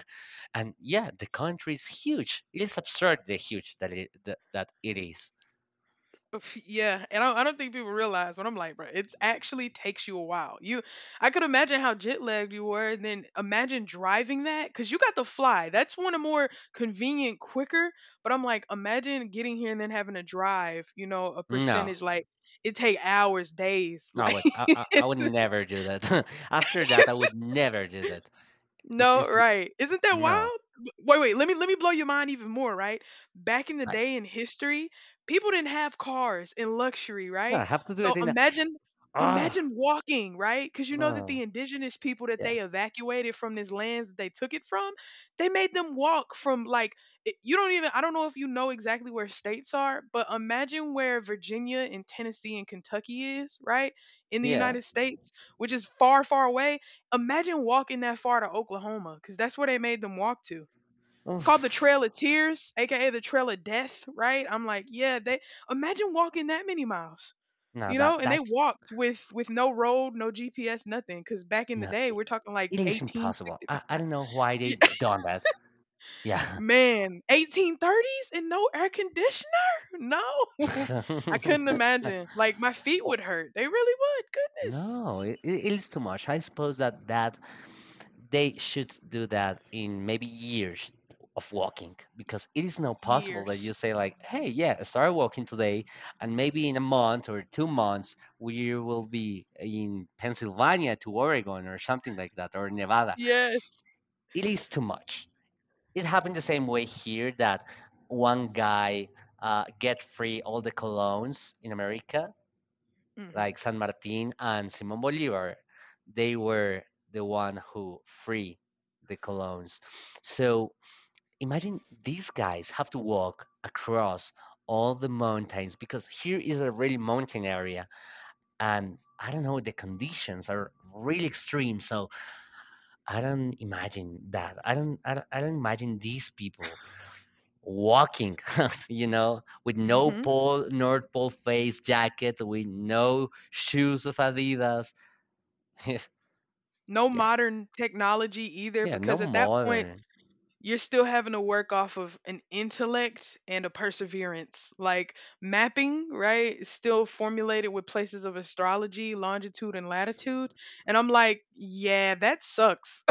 Speaker 1: And yeah, the country is huge. It is absurdly huge that it is.
Speaker 2: Oof, yeah, and I don't think people realize what I'm like, bro. It actually takes you a while. You, I could imagine how jet lagged you were, and then imagine driving that because you got the fly. That's one of the more convenient, quicker. But I'm like, imagine getting here and then having to drive. You know, a
Speaker 1: No,
Speaker 2: percentage like it take hours, days. Like
Speaker 1: no, I
Speaker 2: it's,
Speaker 1: would never do that. After that, I would never do that.
Speaker 2: no,
Speaker 1: It's
Speaker 2: right. Isn't that
Speaker 1: no,
Speaker 2: wild? Wait, wait, let me blow your mind even more, right? Back in the
Speaker 1: I,
Speaker 2: day in history, people didn't have cars and luxury,
Speaker 1: no,
Speaker 2: right?
Speaker 1: I have to do
Speaker 2: So
Speaker 1: it in a,
Speaker 2: imagine
Speaker 1: ah,
Speaker 2: imagine walking, right? Cuz you know that the
Speaker 1: no,
Speaker 2: indigenous people that
Speaker 1: yeah,
Speaker 2: they evacuated from this lands that they took it from, they made them walk from like you don't even I don't know if you know exactly where states are, but imagine where Virginia and Tennessee and Kentucky is, right? In the
Speaker 1: yeah.
Speaker 2: United States, which is far far away. Imagine walking that far to Oklahoma because that's where they made them walk to. It's called the
Speaker 1: Oof.
Speaker 2: Trail of Tears, aka the Trail of Death, right? I'm like, yeah, they imagine walking that many miles.
Speaker 1: No,
Speaker 2: You know,
Speaker 1: that
Speaker 2: and they
Speaker 1: that's
Speaker 2: walked with no road, no GPS, nothing. Cause back in the
Speaker 1: no,
Speaker 2: day, we're talking like
Speaker 1: it is impossible.
Speaker 2: 1860.
Speaker 1: I don't know why they
Speaker 2: Yeah,
Speaker 1: done that. Yeah.
Speaker 2: man, 1830s and no air conditioner? No, I couldn't imagine. Like my feet
Speaker 1: Or.
Speaker 2: would hurt. They really would. Goodness,
Speaker 1: No, it is too much. I suppose that they should do that in maybe years of walking, because it is not possible that
Speaker 2: years.
Speaker 1: you say like, "Hey, yeah, I started walking today, and maybe in a month or 2 months we will be in Pennsylvania to Oregon or something like that, or Nevada."
Speaker 2: Yes.
Speaker 1: It is too much. It happened the same way here that one guy get free all the colognes in America,
Speaker 2: hmm
Speaker 1: like San Martin and Simon Bolivar, they were the one who free the colons. So imagine these guys have to walk across all the mountains, because here is a really mountain area and I don't know, the conditions are really extreme. So I don't imagine that I don't I don't, I don't imagine these people walking, with no
Speaker 2: hmm
Speaker 1: pole north pole face jacket, with no shoes of Adidas.
Speaker 2: No
Speaker 1: Yeah.
Speaker 2: modern technology either,
Speaker 1: Yeah, no
Speaker 2: because at that point,
Speaker 1: modern.
Speaker 2: you're still having to work off of an intellect and a perseverance. Like mapping, right? Is still formulated with places of astrology, longitude, and latitude. And I'm like, yeah, that sucks.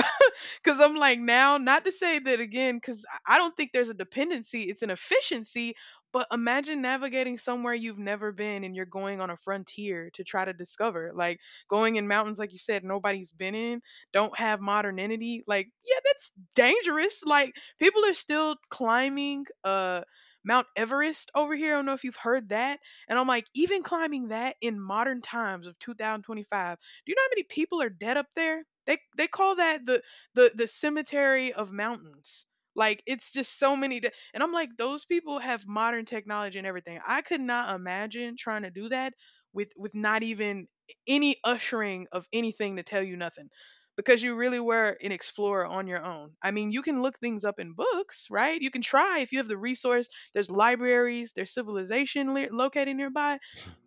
Speaker 2: Because I'm like, now, not to say that again, because I don't think there's a dependency, it's an efficiency. But imagine navigating somewhere you've never been and you're going on a frontier to try to discover, like going in mountains, like you said, nobody's been in, don't have modernity. Like, yeah, that's dangerous. Like, people are still climbing, Mount Everest over here. I don't know if you've heard that. And I'm like, even climbing that in modern times of 2025, do you know how many people are dead up there? They call that the the cemetery of mountains. Like it's just so many and I'm like those people have modern technology and everything. I could not imagine trying to do that with not even any ushering of anything to tell you nothing because you really were an explorer on your own. I mean, you can look things up in books, right? You can try if you have the resource. There's libraries, there's civilization located nearby,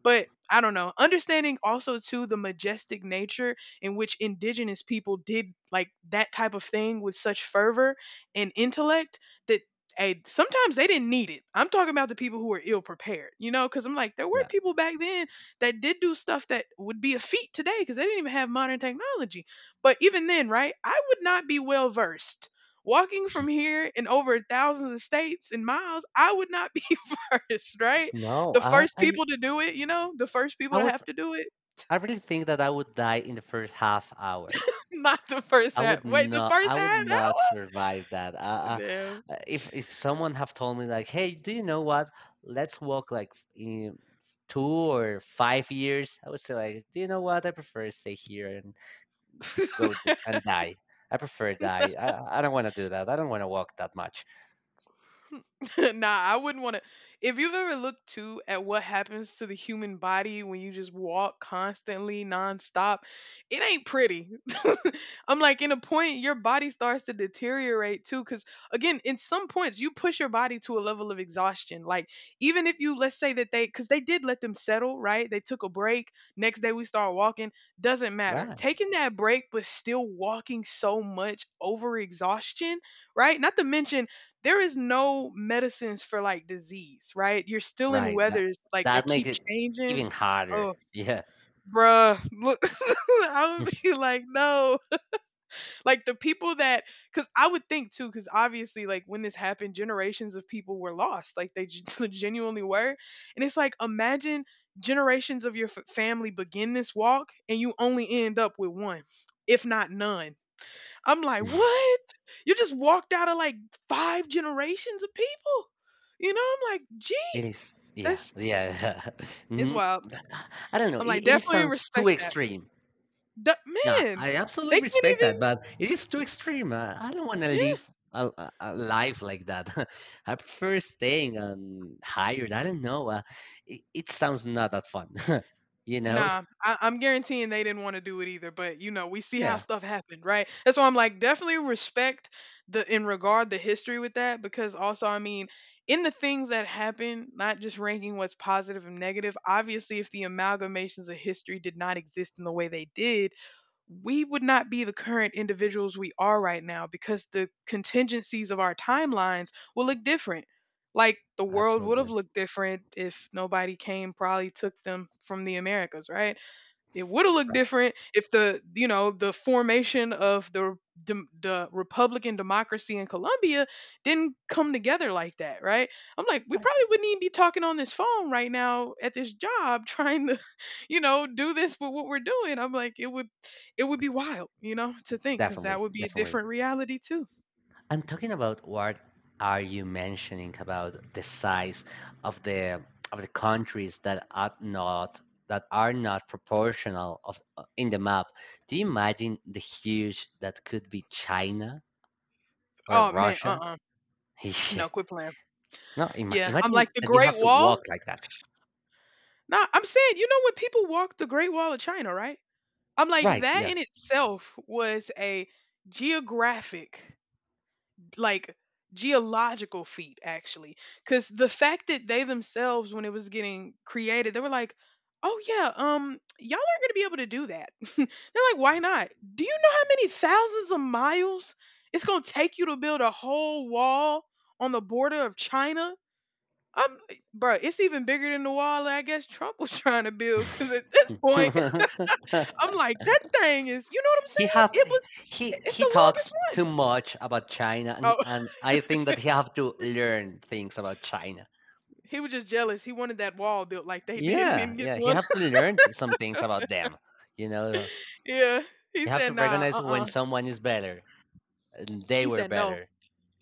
Speaker 2: but I don't know. Understanding also to the majestic nature in which indigenous people did like that type of thing with such fervor and intellect that hey, sometimes they didn't need it. I'm talking about the people who were ill prepared, you know, because I'm like, there were
Speaker 1: Yeah.
Speaker 2: people back then that did do stuff that would be a feat today because they didn't even have modern technology. But even then, right, I would not be well versed. Walking from here in over thousands of states and miles, I would not be versed, right?
Speaker 1: No,
Speaker 2: The first people to do it, you know, the first people
Speaker 1: I
Speaker 2: to
Speaker 1: would
Speaker 2: have to do it.
Speaker 1: I really think that I would die in the first half hour.
Speaker 2: Not the first
Speaker 1: I
Speaker 2: half.
Speaker 1: would
Speaker 2: Wait, the
Speaker 1: not
Speaker 2: first
Speaker 1: I would
Speaker 2: half
Speaker 1: not survive that.
Speaker 2: hour?
Speaker 1: Uh,
Speaker 2: Damn.
Speaker 1: uh, if if someone have told me, like, "Hey, do you know what? Let's walk like in 2 or 5 years." I would say, like, "Do you know what? I prefer stay here and go d and die. I prefer die. I don't want to do that. I don't want to walk that much."
Speaker 2: nah, I wouldn't want to. If you've ever looked too at what happens to the human body when you just walk constantly, nonstop, it ain't pretty. I'm like, in a point, your body starts to deteriorate too. Cause again, in some points, you push your body to a level of exhaustion. Like, even if you, let's say that they, cause they did let them settle, right? They took a break. Next day, we start walking. Doesn't matter.
Speaker 1: Right.
Speaker 2: Taking that break, but still walking so much over exhaustion, right? Not to mention, there is no medicines for like disease, right? You're still in
Speaker 1: Right, that
Speaker 2: weathers like that
Speaker 1: that makes
Speaker 2: keep
Speaker 1: it
Speaker 2: changing.
Speaker 1: even harder.
Speaker 2: Oh,
Speaker 1: Yeah.
Speaker 2: bruh. I would be like, no. Like the people that, because I would think too, because obviously, like when this happened, generations of people were lost. Like they genuinely were. And it's like, imagine generations of your family begin this walk and you only end up with one, if not none. I'm like, what? You just walked out of like 5 generations of people. You know, I'm like,
Speaker 1: It
Speaker 2: gee,
Speaker 1: is, yeah,
Speaker 2: that's
Speaker 1: yeah.
Speaker 2: it's
Speaker 1: Mm,
Speaker 2: wild.
Speaker 1: I don't know.
Speaker 2: I'm like,
Speaker 1: It
Speaker 2: definitely
Speaker 1: sounds too
Speaker 2: respect that.
Speaker 1: extreme.
Speaker 2: Du-
Speaker 1: Yeah,
Speaker 2: man,
Speaker 1: I absolutely
Speaker 2: they can't
Speaker 1: respect that,
Speaker 2: even.
Speaker 1: but it is too extreme. I don't want to
Speaker 2: Yeah.
Speaker 1: live a life like that. I prefer staying on hired. I don't know. It sounds not that fun, you know?
Speaker 2: Nah, I, I'm guaranteeing they didn't want to do it either. But you know, we see how
Speaker 1: Yeah,
Speaker 2: stuff happened, right? That's why I'm like, definitely respect the in regard the history with that, because also, I mean, in the things that happen, not just ranking what's positive and negative. Obviously, if the amalgamations of history did not exist in the way they did, we would not be the current individuals we are right now because the contingencies of our timelines will look different. Like the world would have
Speaker 1: absolutely.
Speaker 2: looked different if nobody came, probably took them from the Americas, right? It would have looked
Speaker 1: Right.
Speaker 2: different if the you know the formation of the the republican democracy in Colombia didn't come together like that, right? I'm like, we probably wouldn't even be talking on this phone right now at this job trying to, you know, do this with what we're doing. I'm like, it would be wild, you know, to think cuz that
Speaker 1: Definitely,
Speaker 2: would be a
Speaker 1: definitely.
Speaker 2: different reality too.
Speaker 1: And talking about what are you mentioning about the size of the of the countries that are not proportional of in the map? Do you imagine the huge that could be China or
Speaker 2: Oh man,
Speaker 1: Russia?
Speaker 2: uh-uh.
Speaker 1: Yeah.
Speaker 2: No, quit playing.
Speaker 1: No,
Speaker 2: Yeah, I'm
Speaker 1: imagine
Speaker 2: like the
Speaker 1: that you
Speaker 2: Great
Speaker 1: have to
Speaker 2: Wall.
Speaker 1: walk like that.
Speaker 2: Nah, I'm saying, you know when people walk the Great Wall of China, right? I'm like,
Speaker 1: Right,
Speaker 2: that
Speaker 1: yeah.
Speaker 2: in itself was a geographic, like geological feat, actually. Because the fact that they themselves, when it was getting created, they were like, oh, yeah, y'all aren't going to be able to do that. They're like, why not? Do you know how many thousands of miles it's going to take you to build a whole wall on the border of China? I'm, bro, it's even bigger than the wall that I guess Trump was trying to build. Because at this point, I'm like, "That thing is" you know what I'm
Speaker 1: He
Speaker 2: saying?
Speaker 1: have
Speaker 2: It was I it's the
Speaker 1: he
Speaker 2: longest
Speaker 1: talks too
Speaker 2: one.
Speaker 1: much about China,
Speaker 2: Oh,
Speaker 1: and I think that he have to learn things about China.
Speaker 2: he was just jealous. He wanted that wall built like they did and
Speaker 1: Yeah,
Speaker 2: didn't get
Speaker 1: yeah. You
Speaker 2: one.
Speaker 1: have to learn some things about them. You know,
Speaker 2: Yeah. He
Speaker 1: you have
Speaker 2: said,
Speaker 1: to
Speaker 2: "Nah,
Speaker 1: recognize when
Speaker 2: uh-uh."
Speaker 1: someone is better. And they
Speaker 2: He
Speaker 1: were
Speaker 2: said, "No."
Speaker 1: better.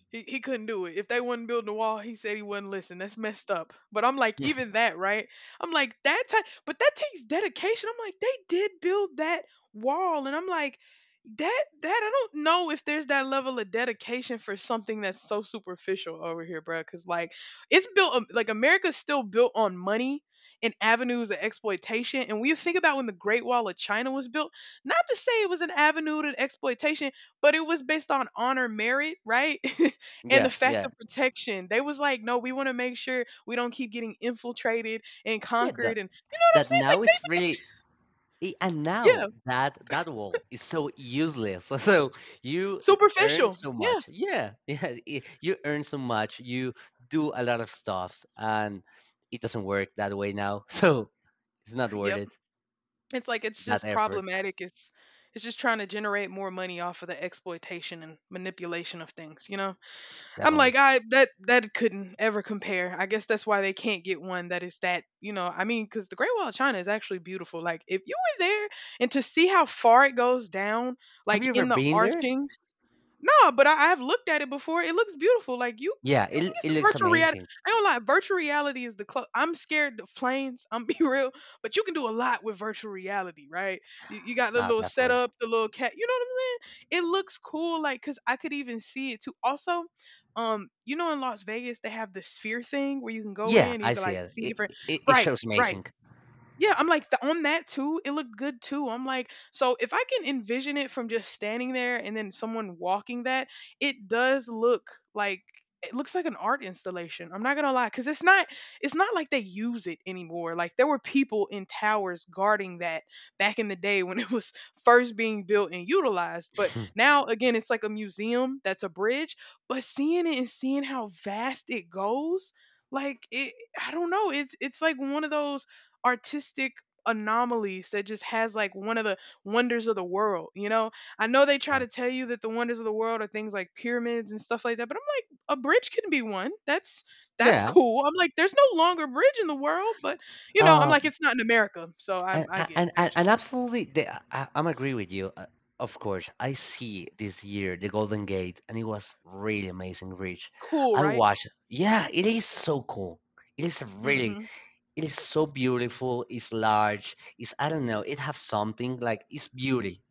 Speaker 2: He couldn't do it. If they wasn't building the wall, he said he wouldn't listen. That's messed up. But I'm like, even that, right? I'm like that type, but that takes dedication. I'm like, they did build that wall, and I'm like, that I don't know if there's that level of dedication for something that's so superficial over here, bro. Because like, it's built like America's still built on money and avenues of exploitation. And when you think about when the Great Wall of China was built, not to say it was an avenue to exploitation, but it was based on honor merit, right? And the
Speaker 1: Yeah,
Speaker 2: fact
Speaker 1: yeah,
Speaker 2: of protection, they was like, "No, we wanna make sure we don't keep getting infiltrated and
Speaker 1: yeah.
Speaker 2: conquered,"
Speaker 1: That
Speaker 2: and you know what I'm
Speaker 1: that
Speaker 2: saying? Like
Speaker 1: now is really I- And
Speaker 2: they
Speaker 1: now
Speaker 2: yeah,
Speaker 1: that that wall is so useless. So you earn
Speaker 2: superficial.
Speaker 1: so
Speaker 2: Yeah.
Speaker 1: much. Yeah, yeah. You earn so much. You do a lot of stuffs, and it doesn't work that way now. So it's not worth
Speaker 2: Yep.
Speaker 1: it.
Speaker 2: It's like it's
Speaker 1: That
Speaker 2: just
Speaker 1: effort,
Speaker 2: problematic. It's just trying to generate more money off of the exploitation and manipulation of things, you know? I'm like,
Speaker 1: definitely.
Speaker 2: I that that couldn't ever compare. I guess that's why they can't get one that is that, you know, I mean, because the Great Wall of China is actually beautiful. Like if you were there and to see how far it goes down,
Speaker 1: Have
Speaker 2: like
Speaker 1: you ever
Speaker 2: in the
Speaker 1: been there?
Speaker 2: archings. No, but I have looked at it before. It looks beautiful. Like you, you,
Speaker 1: Yeah,
Speaker 2: you can
Speaker 1: it
Speaker 2: get
Speaker 1: it
Speaker 2: some
Speaker 1: looks
Speaker 2: virtual reality.
Speaker 1: amazing.
Speaker 2: I don't lie. Virtual reality is the clo I'm scared of planes. I'm be real, but you can do a lot with virtual reality, right? You got the
Speaker 1: No,
Speaker 2: little
Speaker 1: definitely.
Speaker 2: setup, the little cat. You know what I'm saying? It looks cool. Like, cause I could even see it too. Also, you know, in Las Vegas they have the sphere thing where you can go in
Speaker 1: Yeah,
Speaker 2: and you
Speaker 1: I
Speaker 2: can
Speaker 1: see
Speaker 2: like
Speaker 1: it.
Speaker 2: see
Speaker 1: It
Speaker 2: different.
Speaker 1: it, it
Speaker 2: Right,
Speaker 1: shows
Speaker 2: right.
Speaker 1: amazing.
Speaker 2: Yeah, I'm like on that too. It looked good too. I'm like, so if I can envision it from just standing there and then someone walking that, it does look like it looks like an art installation. I'm not gonna lie, because it's not like they use it anymore. Like there were people in towers guarding that back in the day when it was first being built and utilized. But now again, it's like a museum that's a bridge. But seeing it and seeing how vast it goes, like it, I don't know. It's like one of those artistic anomalies that just has like one of the wonders of the world, you know? I know they try to tell you that the wonders of the world are things like pyramids and stuff like that, but I'm like a bridge can be one. That's
Speaker 1: Yeah.
Speaker 2: cool. I'm like there's no longer bridge in the world, but you know, I'm
Speaker 1: Uh.
Speaker 2: like it's not in America. So I'm
Speaker 1: And
Speaker 2: I get it.
Speaker 1: and
Speaker 2: They're
Speaker 1: and, and
Speaker 2: just
Speaker 1: absolutely, I'm agree with you. Of course, I see this year the Golden Gate, and it was really amazing, Rich.
Speaker 2: cool,
Speaker 1: I
Speaker 2: right?
Speaker 1: watched. Yeah, it is so cool. It is a
Speaker 2: Mm.
Speaker 1: really
Speaker 2: Mhm.
Speaker 1: It is so beautiful. It's large. It's I don't know. It has something like it's beauty.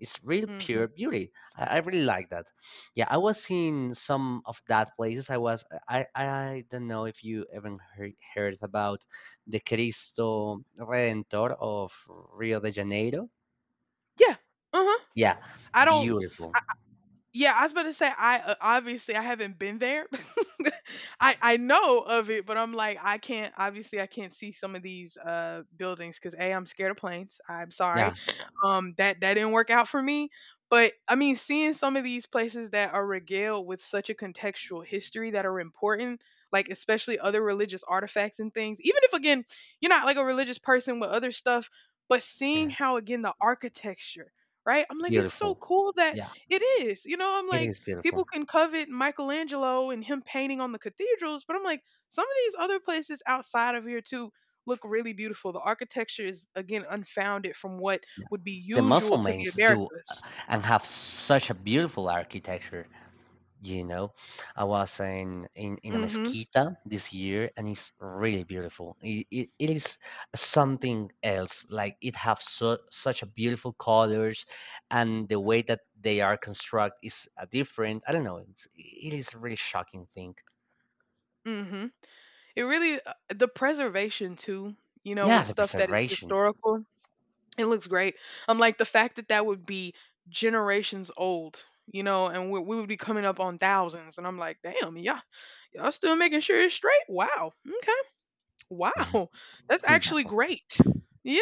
Speaker 1: It's real
Speaker 2: Mm. Mhm.
Speaker 1: pure beauty. I really like that. Yeah, I was in some of that places. I was I don't know if you ever heard about the Cristo Redentor of Rio de Janeiro.
Speaker 2: Yeah. Uh-huh.
Speaker 1: Yeah,
Speaker 2: I don't.
Speaker 1: beautiful.
Speaker 2: Yeah, I was about to say I obviously I haven't been there. I know of it, but I'm like I can't obviously I can't see some of these buildings cuz A I'm scared of planes. I'm sorry.
Speaker 1: Yeah,
Speaker 2: That didn't work out for me, but I mean seeing some of these places that are regaled with such a contextual history that are important, like especially other religious artifacts and things. Even if again, you're not like a religious person with other stuff, but seeing
Speaker 1: yeah,
Speaker 2: how again the architecture, right? I'm like it's so
Speaker 1: beautiful.
Speaker 2: cool that
Speaker 1: Yeah,
Speaker 2: it is. You know, I'm
Speaker 1: it
Speaker 2: like,
Speaker 1: is
Speaker 2: people
Speaker 1: beautiful.
Speaker 2: can covet Michelangelo and him painting on the cathedrals, but I'm like, some of these other places outside of here too look really beautiful. The architecture is again unfounded from what
Speaker 1: Yeah,
Speaker 2: would be
Speaker 1: the
Speaker 2: usual to the
Speaker 1: Muslims do
Speaker 2: Americas.
Speaker 1: and have such a beautiful architecture. You know, I was in a
Speaker 2: Mhm.
Speaker 1: mezquita this year and it's really beautiful. It is something else. Like it have such a beautiful colors, and the way that they are construct is different. I don't know. It's, it is a really shocking thing.
Speaker 2: Mhm. It really the preservation too, you know,
Speaker 1: Yeah,
Speaker 2: with
Speaker 1: the
Speaker 2: stuff that is
Speaker 1: preservation.
Speaker 2: historical. It looks great. I'm like the fact that that would be generations old, you know, and we would be coming up on thousands and I'm like, "Damn, yeah." Y'all still making sure it's straight? Wow. Okay. Wow, that's
Speaker 1: No.
Speaker 2: actually great. Yeah.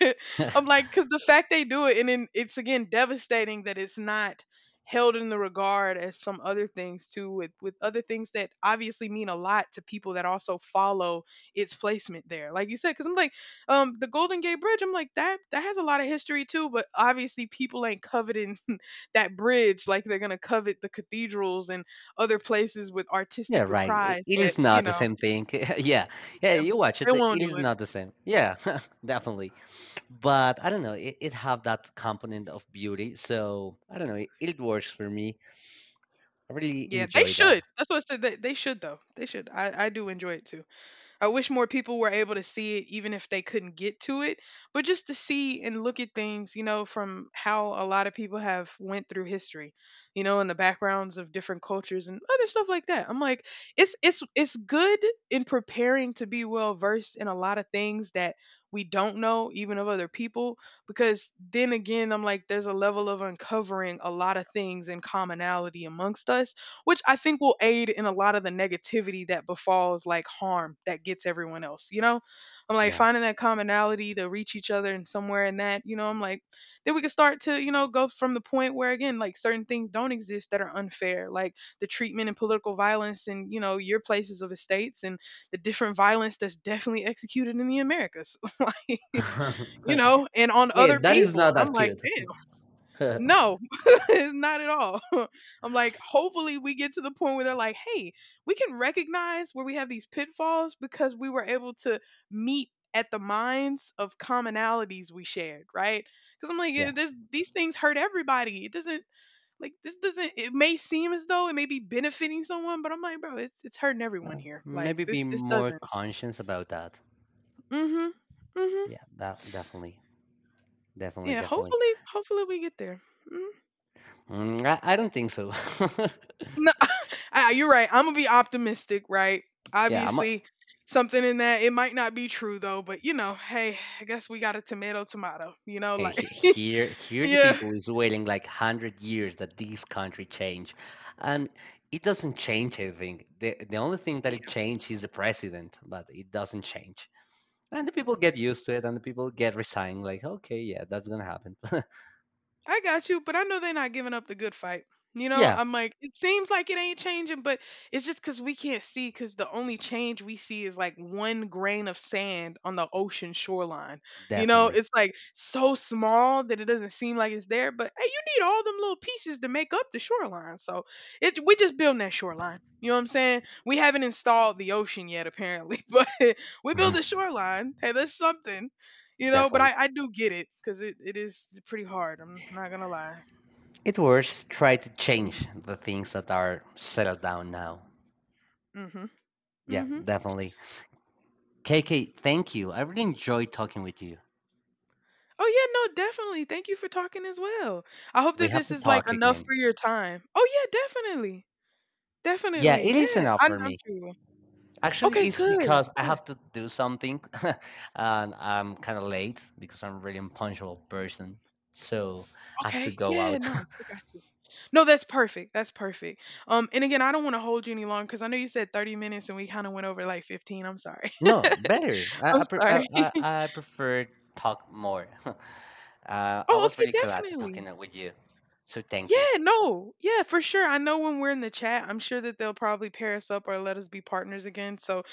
Speaker 2: I'm like, because the fact they do it, and then it's again devastating that it's not held in the regard as some other things too, with other things that obviously mean a lot to people that also follow its placement there. Like you said, because I'm like, the Golden Gate Bridge. I'm like that has a lot of history too, but obviously people ain't coveting that bridge like they're gonna covet the cathedrals and other places with
Speaker 1: Yeah,
Speaker 2: artistic
Speaker 1: right. It,
Speaker 2: reprise
Speaker 1: it
Speaker 2: that
Speaker 1: is
Speaker 2: you
Speaker 1: not the
Speaker 2: know
Speaker 1: same thing. Yeah. Yeah, you watch
Speaker 2: they
Speaker 1: it. It
Speaker 2: won't do
Speaker 1: is
Speaker 2: it.
Speaker 1: not the same. Yeah, definitely. But I don't know. It have that component of beauty, so I don't know. It works for me. I really
Speaker 2: Yeah, they
Speaker 1: enjoy that.
Speaker 2: should. That's what I said. They should though. They should. I do enjoy it too. I wish more people were able to see it, even if they couldn't get to it. But just to see and look at things, you know, from how a lot of people have went through history, you know, and the backgrounds of different cultures and other stuff like that. I'm like, it's good in preparing to be well versed in a lot of things that we don't know, even of other people, because then again, I'm like, there's a level of uncovering a lot of things and commonality amongst us which I think will aid in a lot of the negativity that befalls like harm that gets everyone else, you know? I'm like
Speaker 1: Yeah,
Speaker 2: finding that commonality to reach each other and somewhere in that, you know, I'm like, then we can start to, you know, go from the point where again, like certain things don't exist that are unfair, like the treatment and political violence and, you know, your places of estates and the different violence that's definitely executed in the Americas, you
Speaker 1: yeah.
Speaker 2: know, and on other
Speaker 1: That is
Speaker 2: people.
Speaker 1: not
Speaker 2: And I'm
Speaker 1: that
Speaker 2: like,
Speaker 1: cute.
Speaker 2: damn. No, not at all. I'm like, hopefully, we get to the point where they're like, hey, we can recognize where we have these pitfalls because we were able to meet at the minds of commonalities we shared, right? Because I'm like,
Speaker 1: Yeah,
Speaker 2: "Yeah, there's these things hurt everybody. It doesn't like this doesn't. It may seem as though it may be benefiting someone, but I'm like, bro, it's hurting everyone here. Like
Speaker 1: maybe be
Speaker 2: this
Speaker 1: more
Speaker 2: doesn't.
Speaker 1: conscious about that.
Speaker 2: Mm-hmm. Mm-hmm.
Speaker 1: Yeah, that definitely, definitely,
Speaker 2: Yeah.
Speaker 1: definitely.
Speaker 2: Hopefully, hopefully we get there. Mhm.
Speaker 1: I don't think so.
Speaker 2: Ah, you're right. I'm gonna be optimistic, right?
Speaker 1: Yeah, I'm
Speaker 2: Obviously, something in that it might not be true though, but you know, hey, I guess we got a tomato tomato, you know,
Speaker 1: hey,
Speaker 2: like
Speaker 1: he- here, here the
Speaker 2: yeah.
Speaker 1: people is waiting like 100 years that this country change, and it doesn't change anything. The only thing that it changed is the president, but it doesn't change. And the people get used to it, and the people get resigned, like, okay, yeah, that's gonna happen.
Speaker 2: I got you, but I know they're not giving up the good fight. You know,
Speaker 1: Yeah,
Speaker 2: I'm like, it seems like it ain't changing, but it's just because we can't see, because the only change we see is like one grain of sand on the ocean shoreline. You know,
Speaker 1: definitely,
Speaker 2: it's like so small that it doesn't seem like it's there, but hey, you need all them little pieces to make up the shoreline. So it, we just building that shoreline. You know what I'm saying? We haven't installed the ocean yet, apparently, but we build the shoreline. Hey, that's something you know, but
Speaker 1: definitely.
Speaker 2: I do get it because it is pretty hard. I'm not gonna lie.
Speaker 1: It works. Try to change the things that are settled down now.
Speaker 2: Mm-hmm.
Speaker 1: Yeah,
Speaker 2: Mm-hmm.
Speaker 1: definitely. KK, thank you. I really enjoyed talking with you.
Speaker 2: Oh yeah, no, definitely. Thank you for talking as well. I hope
Speaker 1: We
Speaker 2: that
Speaker 1: have
Speaker 2: this
Speaker 1: to
Speaker 2: is like
Speaker 1: talk
Speaker 2: enough
Speaker 1: again.
Speaker 2: for your time. Oh yeah, definitely,
Speaker 1: Yeah,
Speaker 2: definitely.
Speaker 1: it
Speaker 2: Yeah,
Speaker 1: is enough
Speaker 2: I,
Speaker 1: for
Speaker 2: I'm
Speaker 1: me.
Speaker 2: sure. You will.
Speaker 1: Actually,
Speaker 2: Okay,
Speaker 1: it's
Speaker 2: good,
Speaker 1: because I
Speaker 2: good.
Speaker 1: have to do something, and I'm kind of late because I'm a really impunctual person. So I have to
Speaker 2: Okay,
Speaker 1: go
Speaker 2: yeah,
Speaker 1: out.
Speaker 2: no, I got you. No, that's perfect. That's perfect. And again, I don't want to hold you any longer because I know you said 30 minutes and we kind of went over like 15. I'm sorry.
Speaker 1: No, better. I
Speaker 2: I'm
Speaker 1: I, pre I,
Speaker 2: sorry.
Speaker 1: I I prefer talk more. I
Speaker 2: Oh,
Speaker 1: was
Speaker 2: okay,
Speaker 1: really glad to
Speaker 2: definitely.
Speaker 1: talking with you. So thank you.
Speaker 2: Yeah, no. Yeah, for sure. I know when we're in the chat, I'm sure that they'll probably pair us up or let us be partners again. So,